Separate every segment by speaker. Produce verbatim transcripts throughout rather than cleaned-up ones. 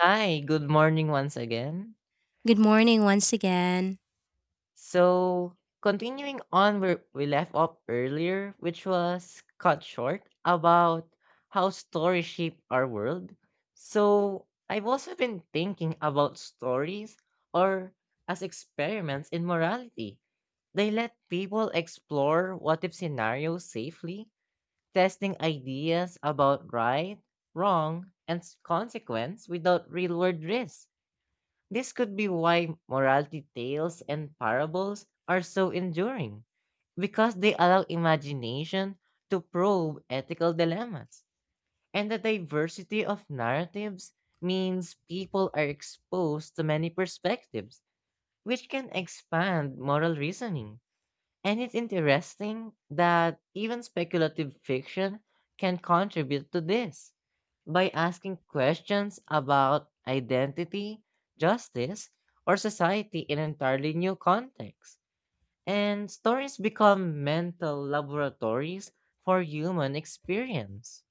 Speaker 1: Hi, good morning once again.
Speaker 2: Good morning once again.
Speaker 1: So, Continuing on where we left off earlier, which was cut short about how stories shape our world. So, I've also been thinking about stories or as experiments in morality. They let people explore what if scenarios safely, testing ideas about right, wrong, and s- consequence without real world risk. This could be why morality tales and parables are so enduring, because they allow imagination to probe ethical dilemmas. And the diversity of narratives means people are exposed to many perspectives, which can expand moral reasoning. And it's interesting that even speculative fiction can contribute to this by asking questions about identity, justice, or society in entirely new contexts. And stories become mental laboratories for human experience.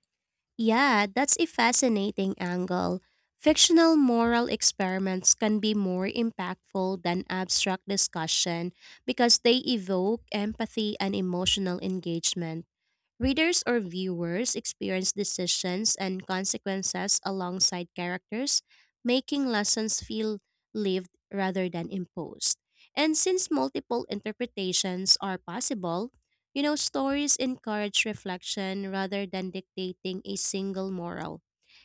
Speaker 2: Yeah, that's a fascinating angle. Fictional moral experiments can be more impactful than abstract discussion because they evoke empathy and emotional engagement. Readers or viewers experience decisions and consequences alongside characters, making lessons feel lived rather than imposed. And since multiple interpretations are possible, you know, stories encourage reflection rather than dictating a single moral.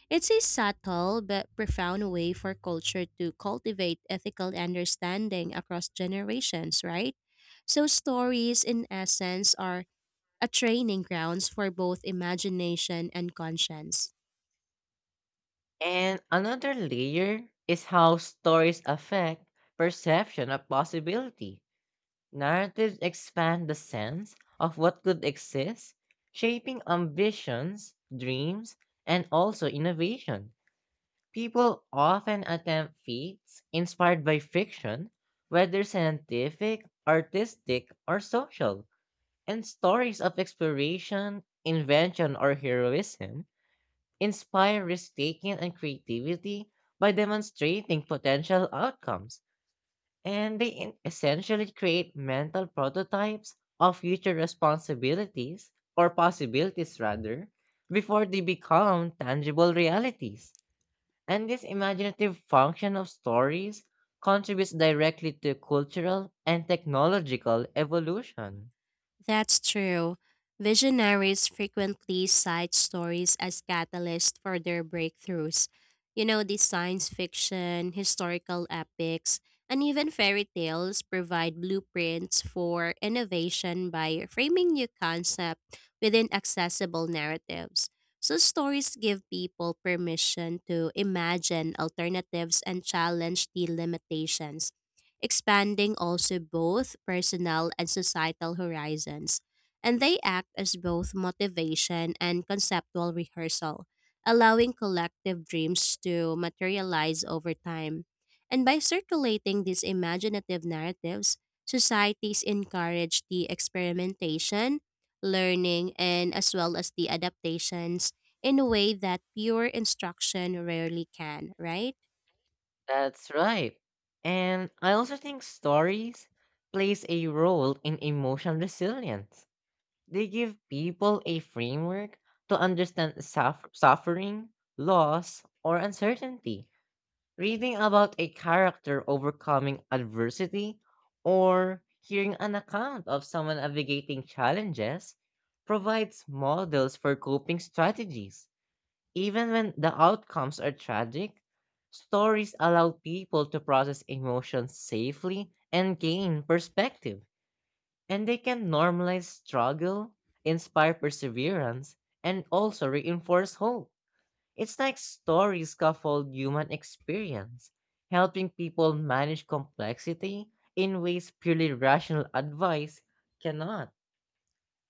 Speaker 2: It's a subtle but profound way for culture to cultivate ethical understanding across generations, right? So, stories, in essence, are a training grounds for both imagination and conscience.
Speaker 1: And another layer is how stories affect perception of possibility. Narratives expand the sense of what could exist, shaping ambitions, dreams, and also innovation. People often attempt feats inspired by fiction, whether scientific, artistic, or social, and stories of exploration, invention, or heroism inspire risk taking and creativity by demonstrating potential outcomes, and they in- essentially create mental prototypes of future responsibilities or possibilities rather, before they become tangible realities. And this imaginative function of stories contributes directly to cultural and technological evolution.
Speaker 2: That's true. Visionaries frequently cite stories as catalysts for their breakthroughs. You know, the science fiction, historical epics, and even fairy tales provide blueprints for innovation by framing new concepts within accessible narratives. So, stories give people permission to imagine alternatives and challenge the limitations, expanding also both personal and societal horizons. And they act as both motivation and conceptual rehearsal, allowing collective dreams to materialize over time. And by circulating these imaginative narratives, societies encourage the experimentation, learning, and as well as the adaptations in a way that pure instruction rarely can, right?
Speaker 1: That's right. And I also think stories plays a role in emotional resilience. They give people a framework to understand suff- suffering, loss, or uncertainty. Reading about a character overcoming adversity or hearing an account of someone navigating challenges provides models for coping strategies. Even when the outcomes are tragic, stories allow people to process emotions safely and gain perspective. And they can normalize struggle, inspire perseverance, and also reinforce hope. It's like stories scaffold human experience, helping people manage complexity in ways purely rational advice cannot.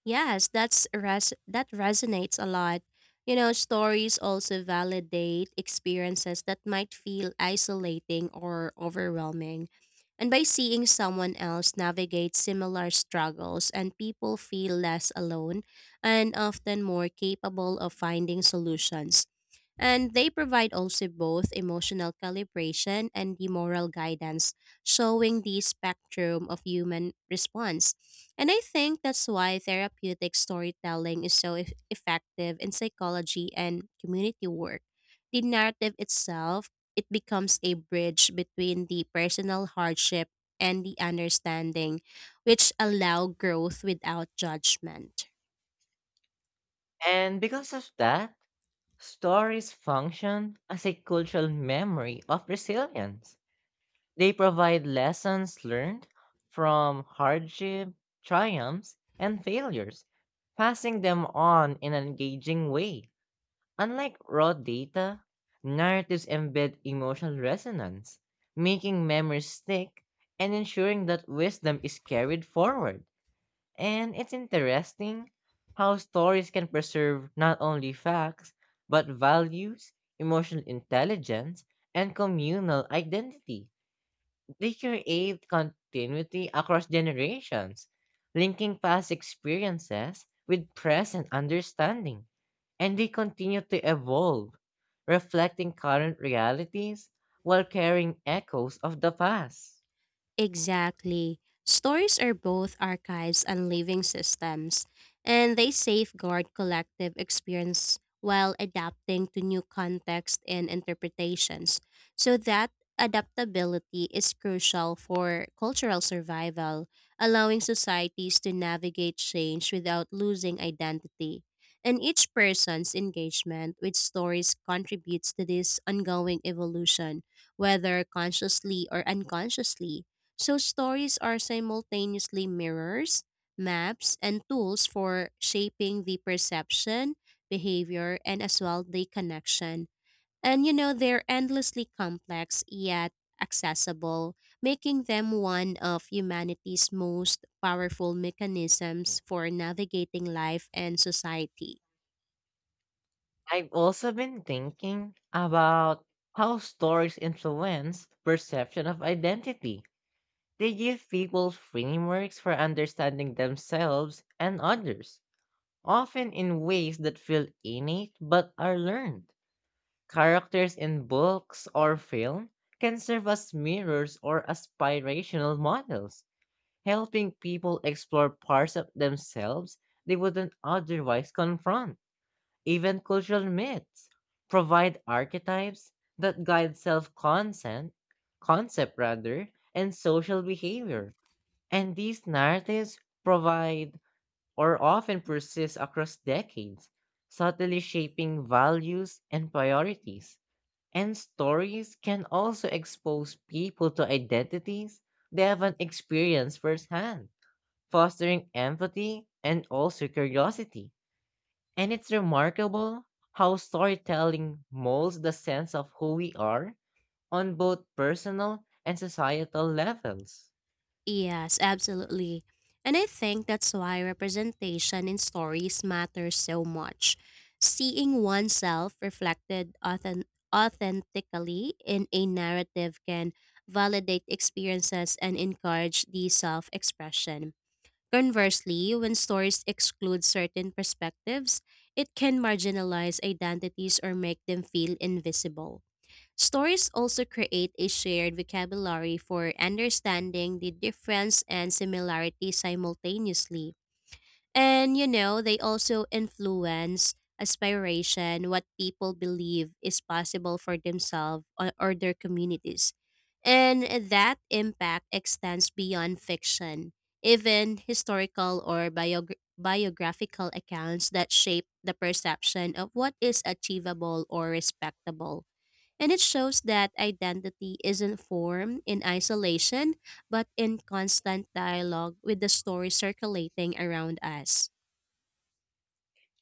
Speaker 2: Yes, that's res- that resonates a lot. You know, stories also validate experiences that might feel isolating or overwhelming. And by seeing someone else navigate similar struggles and people feel less alone and often more capable of finding solutions. And they provide also both emotional calibration and the moral guidance, showing the spectrum of human response. And I think that's why therapeutic storytelling is so eff- effective in psychology and community work. The narrative itself, it becomes a bridge between the personal hardship and the understanding, which allow growth without judgment.
Speaker 1: And because of that, stories function as a cultural memory of resilience. They provide lessons learned from hardship, triumphs, and failures, passing them on in an engaging way. Unlike raw data, narratives embed emotional resonance, making memories stick and ensuring that wisdom is carried forward. And it's interesting how stories can preserve not only facts, but values, emotional intelligence, and communal identity. They create continuity across generations, linking past experiences with present understanding, and they continue to evolve, reflecting current realities while carrying echoes of the past.
Speaker 2: Exactly. Stories are both archives and living systems, and they safeguard collective experience while adapting to new contexts and interpretations. So that adaptability is crucial for cultural survival, allowing societies to navigate change without losing identity. And each person's engagement with stories contributes to this ongoing evolution, whether consciously or unconsciously. So stories are simultaneously mirrors, maps, and tools for shaping the perception, behavior, and as well the connection. And you know, they're endlessly complex yet accessible, making them one of humanity's most powerful mechanisms for navigating life and society.
Speaker 1: I've also been thinking about how stories influence perception of identity. They give people frameworks for understanding themselves and others, often in ways that feel innate but are learned. Characters in books or film can serve as mirrors or aspirational models, helping people explore parts of themselves they wouldn't otherwise confront. Even cultural myths provide archetypes that guide self-concept, concept rather, and social behavior. And these narratives provide or often persists across decades, subtly shaping values and priorities. And stories can also expose people to identities they haven't experienced firsthand, fostering empathy and also curiosity. And it's remarkable how storytelling molds the sense of who we are on both personal and societal levels.
Speaker 2: Yes, absolutely. And I think that's why representation in stories matters so much. Seeing oneself reflected authen- authentically in a narrative can validate experiences and encourage the self expression. Conversely, when stories exclude certain perspectives, it can marginalize identities or make them feel invisible. Stories also create a shared vocabulary for understanding the difference and similarity simultaneously. And you know, they also influence aspiration, what people believe is possible for themselves or, or their communities. And that impact extends beyond fiction. Even historical or biogra- biographical accounts that shape the perception of what is achievable or respectable, and it shows that identity isn't formed in isolation, but in constant dialogue with the story circulating around us.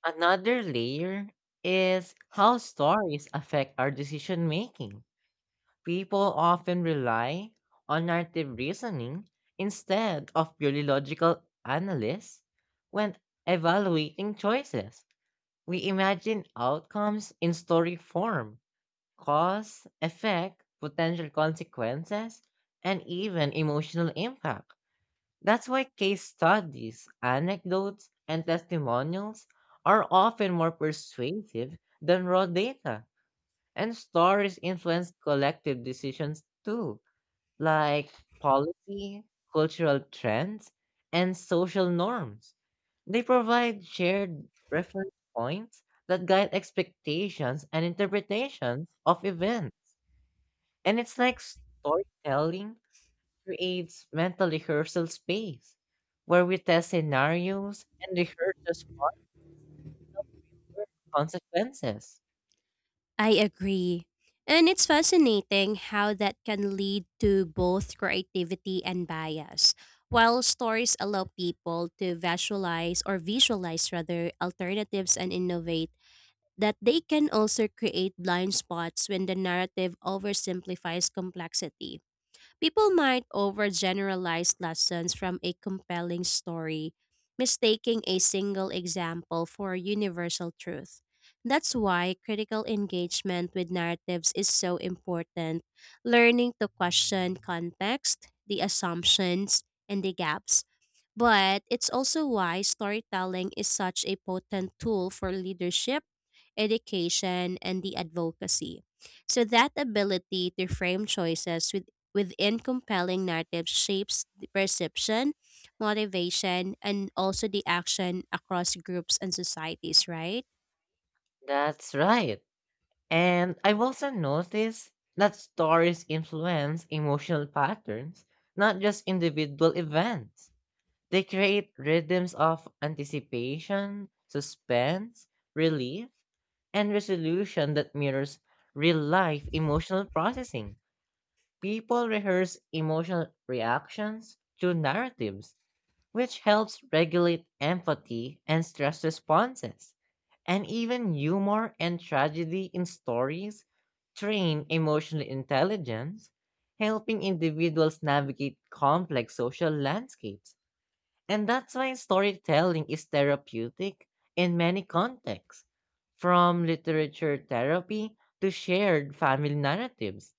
Speaker 1: Another layer is how stories affect our decision making. People often rely on narrative reasoning instead of purely logical analysis when evaluating choices. We imagine outcomes in story form: cause, effect, potential consequences, and even emotional impact. That's why case studies, anecdotes, and testimonials are often more persuasive than raw data, and stories influence collective decisions too, like policy, cultural trends, and social norms. They provide shared reference points that guide expectations and interpretations of events. And it's like storytelling creates mental rehearsal space where we test scenarios and rehearse the smart consequences.
Speaker 2: I agree. And it's fascinating how that can lead to both creativity and bias. While stories allow people to visualize or visualize rather alternatives and innovate, that they can also create blind spots when the narrative oversimplifies complexity. People might overgeneralize lessons from a compelling story, mistaking a single example for universal truth. That's why critical engagement with narratives is so important, learning to question context, the assumptions, and the gaps, but it's also why storytelling is such a potent tool for leadership, education, and the advocacy. So that ability to frame choices with within compelling narratives shapes the perception, motivation, and also the action across groups and societies, right?
Speaker 1: That's right. And I've also noticed that stories influence emotional patterns, not just individual events. They create rhythms of anticipation, suspense, relief, and resolution that mirrors real life emotional processing. People rehearse emotional reactions through narratives, which helps regulate empathy and stress responses. And even humor and tragedy in stories train emotional intelligence, helping individuals navigate complex social landscapes. And that's why storytelling is therapeutic in many contexts, from literature therapy to shared family narratives.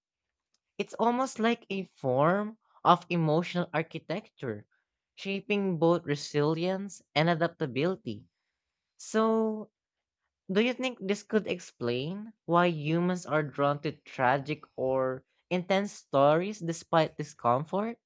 Speaker 1: It's almost like a form of emotional architecture, shaping both resilience and adaptability. So, do you think this could explain why humans are drawn to tragic or intense stories despite discomfort?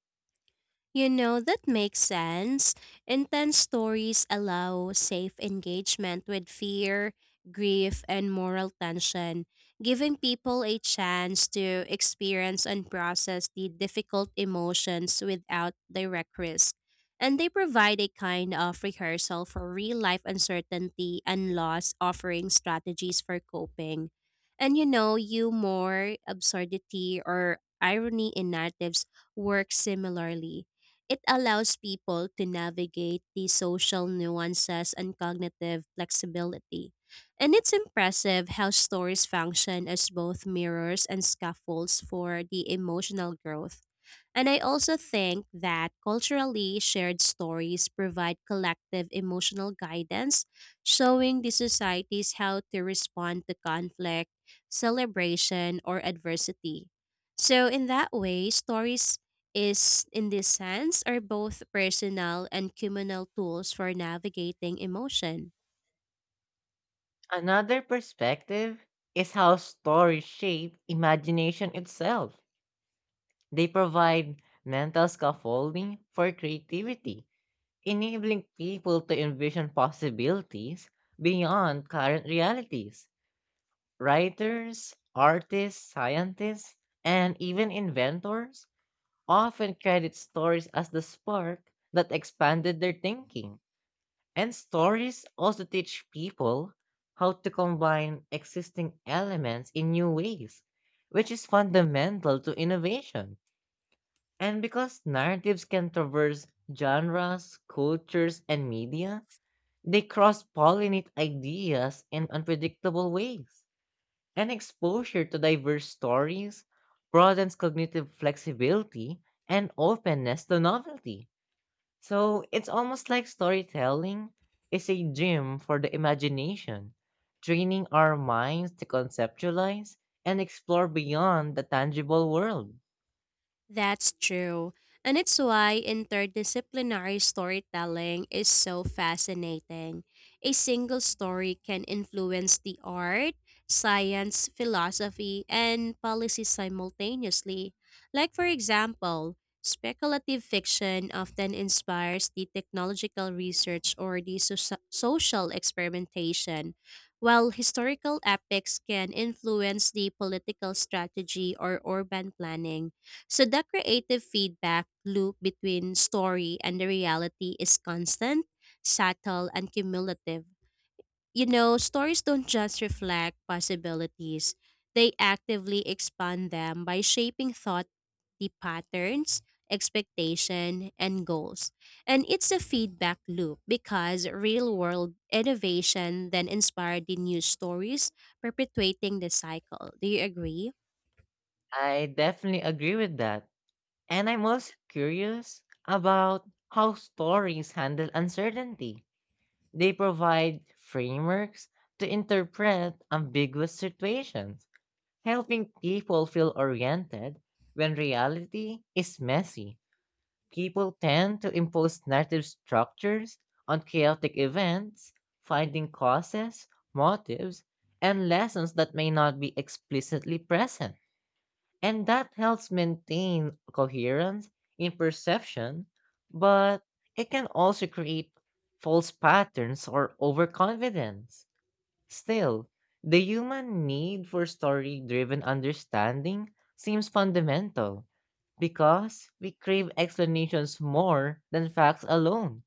Speaker 2: You know, that makes sense. Intense stories allow safe engagement with fear, grief, and moral tension, giving people a chance to experience and process the difficult emotions without direct risk. And they provide a kind of rehearsal for real life uncertainty and loss, offering strategies for coping. And you know, humor, absurdity, or irony in narratives work similarly. It allows people to navigate the social nuances and cognitive flexibility. And it's impressive how stories function as both mirrors and scaffolds for the emotional growth. And I also think that culturally shared stories provide collective emotional guidance, showing the societies how to respond to conflict, celebration, or adversity. So, in that way, stories is, in this sense, are both personal and communal tools for navigating emotion.
Speaker 1: Another perspective is how stories shape imagination itself. They provide mental scaffolding for creativity, enabling people to envision possibilities beyond current realities. Writers, artists, scientists, and even inventors often credit stories as the spark that expanded their thinking. And stories also teach people how to combine existing elements in new ways, which is fundamental to innovation. And because narratives can traverse genres, cultures, and media, they cross pollinate ideas in unpredictable ways, and exposure to diverse stories broadens cognitive flexibility and openness to novelty. So it's almost like storytelling is a gym for the imagination, training our minds to conceptualize and explore beyond the tangible world.
Speaker 2: That's true. And it's why interdisciplinary storytelling is so fascinating. A single story can influence the art, science, philosophy, and policy simultaneously. Like, for example, speculative fiction often inspires the technological research or the soci- social experimentation, while historical epics can influence the political strategy or urban planning. So the creative feedback loop between story and the reality is constant, subtle, and cumulative. You know, stories don't just reflect possibilities, they actively expand them by shaping thought, the patterns, expectation, and goals. And it's a feedback loop because real world innovation then inspired the new stories, perpetuating the cycle. Do you agree?
Speaker 1: I definitely agree with that. And I'm also curious about how stories handle uncertainty. They provide frameworks to interpret ambiguous situations, helping people feel oriented when reality is messy. People tend to impose narrative structures on chaotic events, finding causes, motives, and lessons that may not be explicitly present. And that helps maintain coherence in perception, but it can also create false patterns or overconfidence. Still, the human need for story driven understanding seems fundamental because we crave explanations more than facts alone.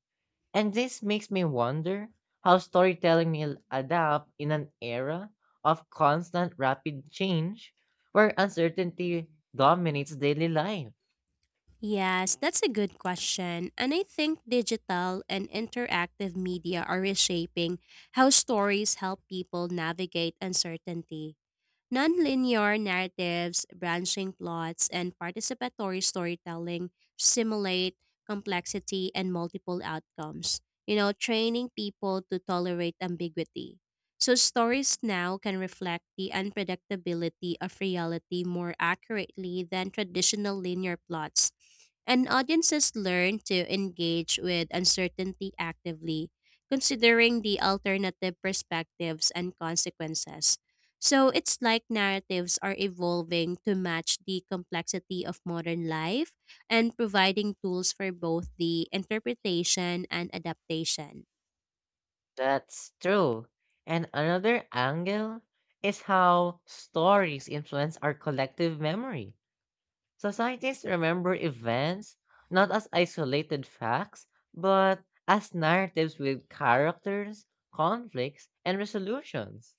Speaker 1: And this makes me wonder how storytelling will adapt in an era of constant rapid change where uncertainty dominates daily life.
Speaker 2: Yes, that's a good question. And I think digital and interactive media are reshaping how stories help people navigate uncertainty. Nonlinear narratives, branching plots, and participatory storytelling simulate complexity and multiple outcomes, you know, training people to tolerate ambiguity. So, stories now can reflect the unpredictability of reality more accurately than traditional linear plots. And audiences learn to engage with uncertainty actively, considering the alternative perspectives and consequences. So it's like narratives are evolving to match the complexity of modern life and providing tools for both the interpretation and adaptation.
Speaker 1: That's true. And another angle is how stories influence our collective memory. Societies remember events not as isolated facts, but as narratives with characters, conflicts, and resolutions.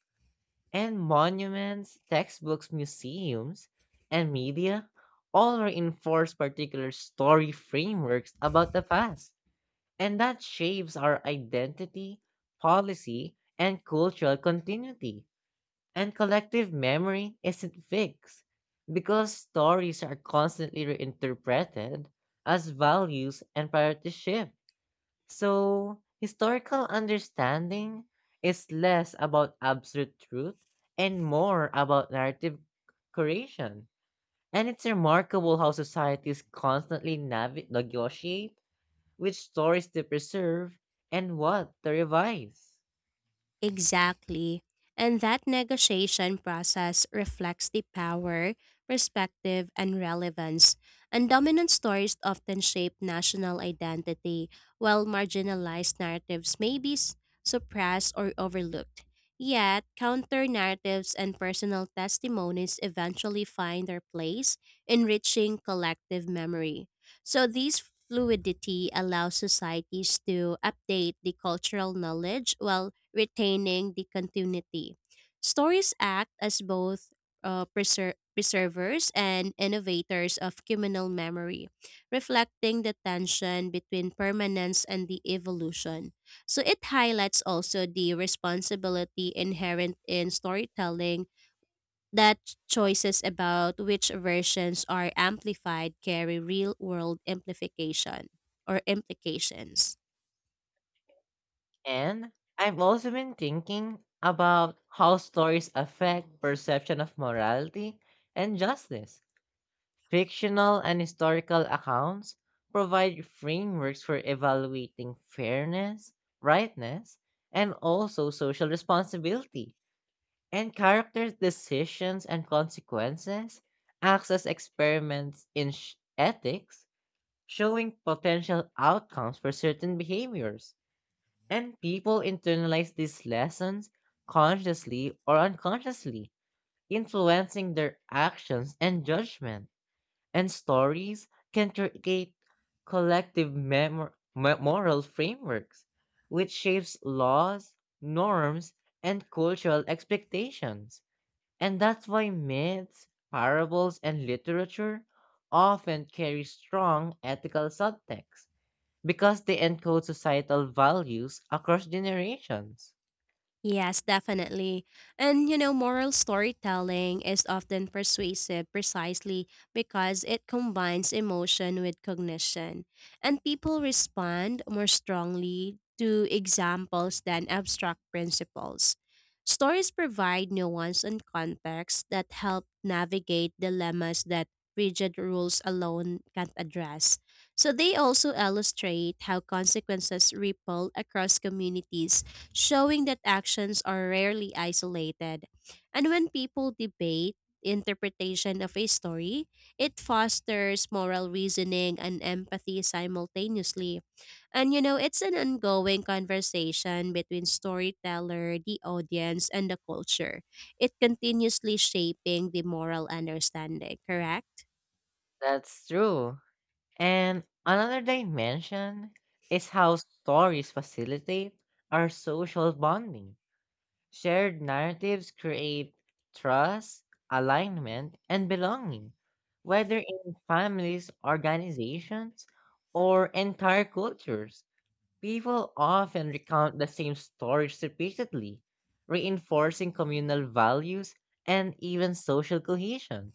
Speaker 1: And monuments, textbooks, museums, and media all reinforce particular story frameworks about the past. And that shapes our identity, policy, and cultural continuity. And collective memory isn't fixed because stories are constantly reinterpreted as values and priorities shift. So, historical understanding is less about absolute truth and more about narrative creation. And it's remarkable how societies constantly navi- negotiate which stories to preserve and what to revise.
Speaker 2: Exactly. And that negotiation process reflects the power, perspective, and relevance. And dominant stories often shape national identity, while marginalized narratives may be s- suppressed or overlooked. Yet, counter narratives and personal testimonies eventually find their place, enriching collective memory. So, this fluidity allows societies to update the cultural knowledge while retaining the continuity. Stories act as both uh, preser- preservers and innovators of communal memory, reflecting the tension between permanence and the evolution. So it highlights also the responsibility inherent in storytelling, that choices about which versions are amplified carry real world amplification or implications.
Speaker 1: And I've also been thinking about how stories affect perception of morality and justice. Fictional and historical accounts provide frameworks for evaluating fairness, rightness, and also social responsibility. And characters' decisions and consequences acts as experiments in sh- ethics, showing potential outcomes for certain behaviors. And people internalize these lessons consciously or unconsciously, influencing their actions and judgment, and stories can create collective memor- mo- moral frameworks, which shapes laws, norms, and cultural expectations. And that's why myths, parables, and literature often carry strong ethical subtext because they encode societal values across generations.
Speaker 2: Yes, definitely. And you know, moral storytelling is often persuasive precisely because it combines emotion with cognition. And people respond more strongly to examples than abstract principles. Stories provide nuance and context that help navigate dilemmas that rigid rules alone can't address. So they also illustrate how consequences ripple across communities, showing that actions are rarely isolated. And when people debate interpretation of a story, it fosters moral reasoning and empathy simultaneously. And you know, it's an ongoing conversation between storyteller, the audience, and the culture. It continuously shaping the moral understanding, correct?
Speaker 1: That's true. And another dimension is how stories facilitate our social bonding. Shared narratives create trust, alignment, and belonging, whether in families, organizations, or entire cultures. People often recount the same stories repeatedly, reinforcing communal values and even social cohesion.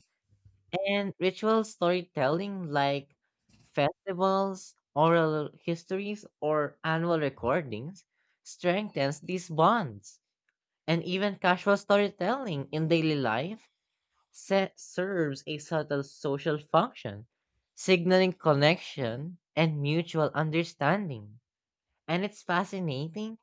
Speaker 1: And ritual storytelling like festivals, oral histories, or annual recordings strengthens these bonds. And even casual storytelling in daily life se- serves a subtle social function, signaling connection and mutual understanding. And it's fascinating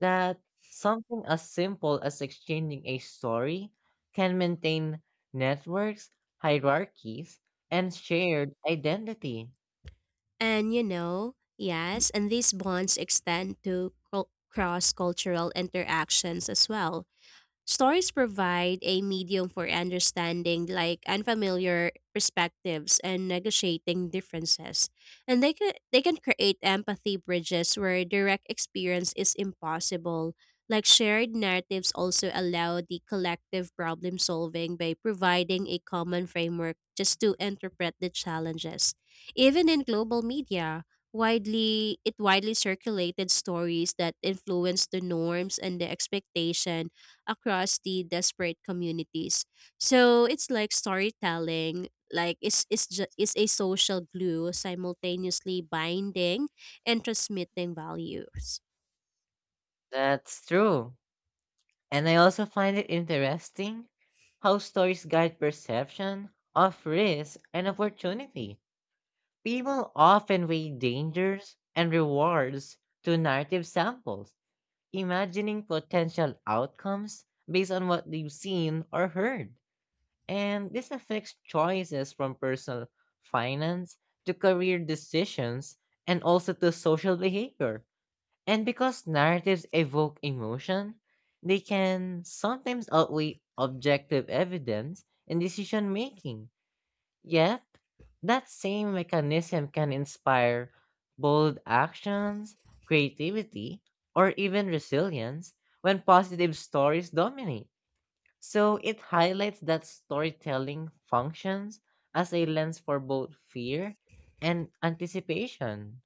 Speaker 1: that something as simple as exchanging a story can maintain networks, hierarchies, and shared identity.
Speaker 2: And you know, yes, and these bonds extend to cross cultural interactions as well. Stories provide a medium for understanding like unfamiliar perspectives and negotiating differences. And they can they can create empathy bridges where direct experience is impossible. Like shared narratives also allow the collective problem solving by providing a common framework just to interpret the challenges. Even in global media, widely it widely circulated stories that influence the norms and the expectation across the desperate communities. So it's like storytelling, like it's it's ju- it's a social glue simultaneously binding and transmitting values.
Speaker 1: That's true. And I also find it interesting how stories guide perception of risk and opportunity. People often weigh dangers and rewards to narrative samples, imagining potential outcomes based on what they've seen or heard. And this affects choices from personal finance to career decisions and also to social behavior. And because narratives evoke emotion, they can sometimes outweigh objective evidence in decision making. Yet, that same mechanism can inspire bold actions, creativity, or even resilience when positive stories dominate. So it highlights that storytelling functions as a lens for both fear and anticipation.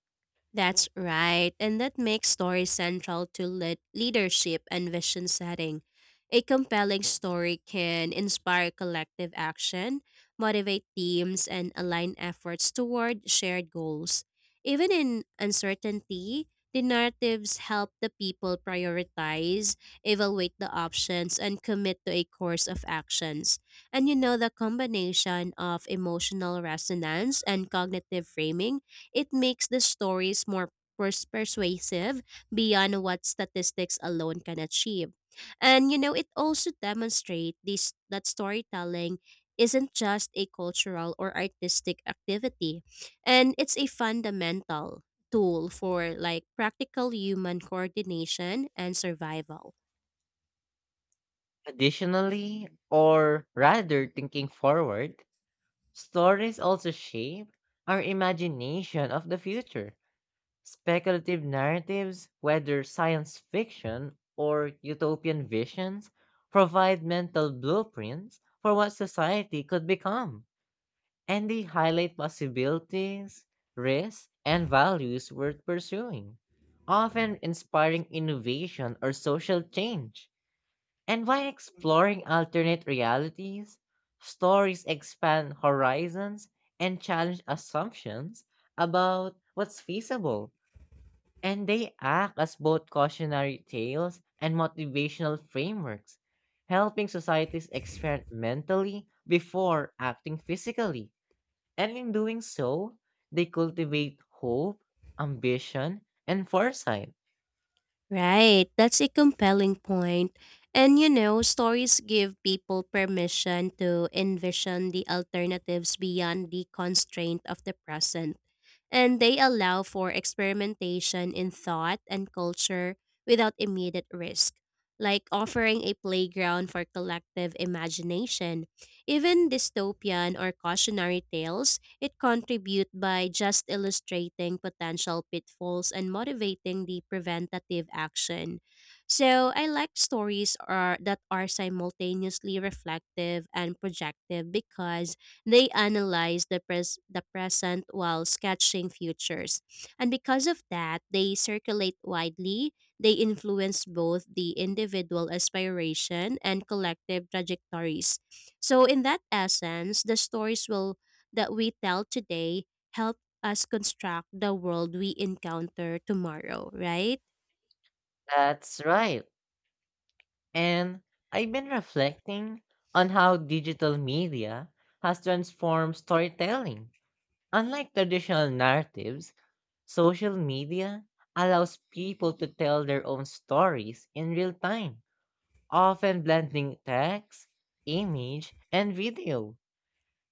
Speaker 2: That's right, and that makes story central to lead leadership and vision setting. A compelling story can inspire collective action, motivate teams, and align efforts toward shared goals. Even in uncertainty, the narratives help the people prioritize, evaluate the options, and commit to a course of actions. And you know, the combination of emotional resonance and cognitive framing, it makes the stories more pers- persuasive beyond what statistics alone can achieve. And you know, it also demonstrates this that storytelling isn't just a cultural or artistic activity, and it's a fundamental tool for like practical human coordination and survival.
Speaker 1: Additionally, or rather thinking forward, stories also shape our imagination of the future. Speculative narratives, whether science fiction or utopian visions, provide mental blueprints for what society could become, and they highlight possibilities, risks, and values worth pursuing, often inspiring innovation or social change. And by exploring alternate realities, stories expand horizons and challenge assumptions about what's feasible, and they act as both cautionary tales and motivational frameworks, helping societies experiment mentally before acting physically. And in doing so, they cultivate hope, ambition, and foresight.
Speaker 2: Right, that's a compelling point. And you know, stories give people permission to envision the alternatives beyond the constraint of the present, and they allow for experimentation in thought and culture without immediate risk, like offering a playground for collective imagination. Even dystopian or cautionary tales, it contribute by just illustrating potential pitfalls and motivating the preventative action. So I like stories are, that are simultaneously reflective and projective because they analyze the, pres- the present while sketching futures. And because of that, they circulate widely. They influence both the individual aspiration and collective trajectories. So, in that essence, the stories will that we tell today help us construct the world we encounter tomorrow, right?
Speaker 1: That's right. And I've been reflecting on how digital media has transformed storytelling. Unlike traditional narratives, social media allows people to tell their own stories in real time, often blending text, image, and video.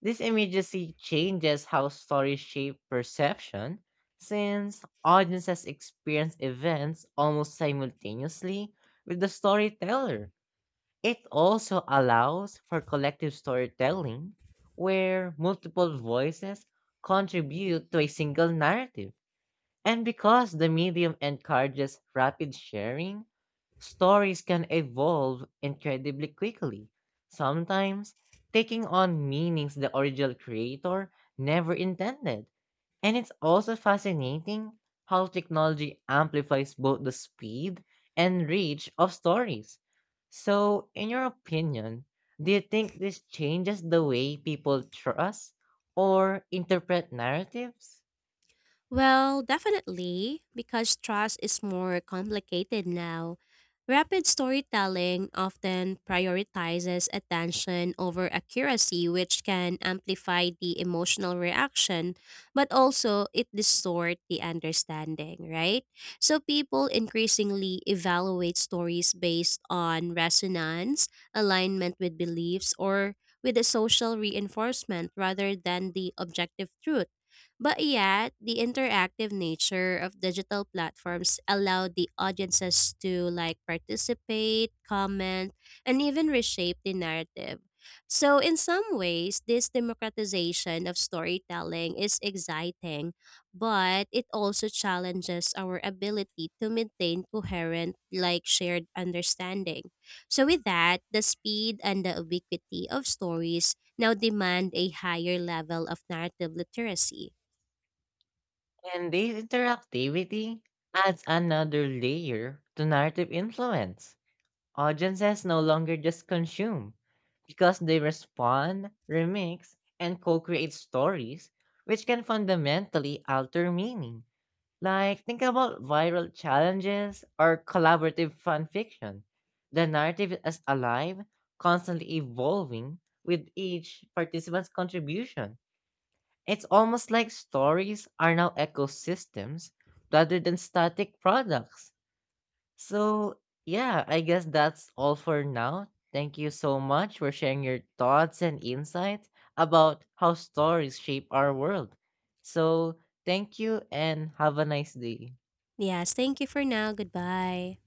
Speaker 1: This immediacy changes how stories shape perception, since audiences experience events almost simultaneously with the storyteller. It also allows for collective storytelling, where multiple voices contribute to a single narrative. And because the medium encourages rapid sharing, stories can evolve incredibly quickly, sometimes taking on meanings the original creator never intended. And it's also fascinating how technology amplifies both the speed and reach of stories. So, in your opinion, do you think this changes the way people trust or interpret narratives?
Speaker 2: Well, definitely, because trust is more complicated now. Rapid storytelling often prioritizes attention over accuracy, which can amplify the emotional reaction, but also it distorts the understanding, right? So people increasingly evaluate stories based on resonance, alignment with beliefs, or with a social reinforcement rather than the objective truth. But yet, the interactive nature of digital platforms allow the audiences to like participate, comment, and even reshape the narrative. So in some ways, this democratization of storytelling is exciting, but it also challenges our ability to maintain coherent like shared understanding. So with that, the speed and the ubiquity of stories now demand a higher level of narrative literacy.
Speaker 1: And this interactivity adds another layer to narrative influence. Audiences no longer just consume, because they respond, remix, and co create stories, which can fundamentally alter meaning. Like, think about viral challenges or collaborative fan fiction. The narrative is alive, constantly evolving with each participant's contribution. It's almost like stories are now ecosystems rather than static products. So, yeah, I guess that's all for now. Thank you so much for sharing your thoughts and insights about how stories shape our world. So, thank you and have a nice day.
Speaker 2: Yes, thank you for now. Goodbye.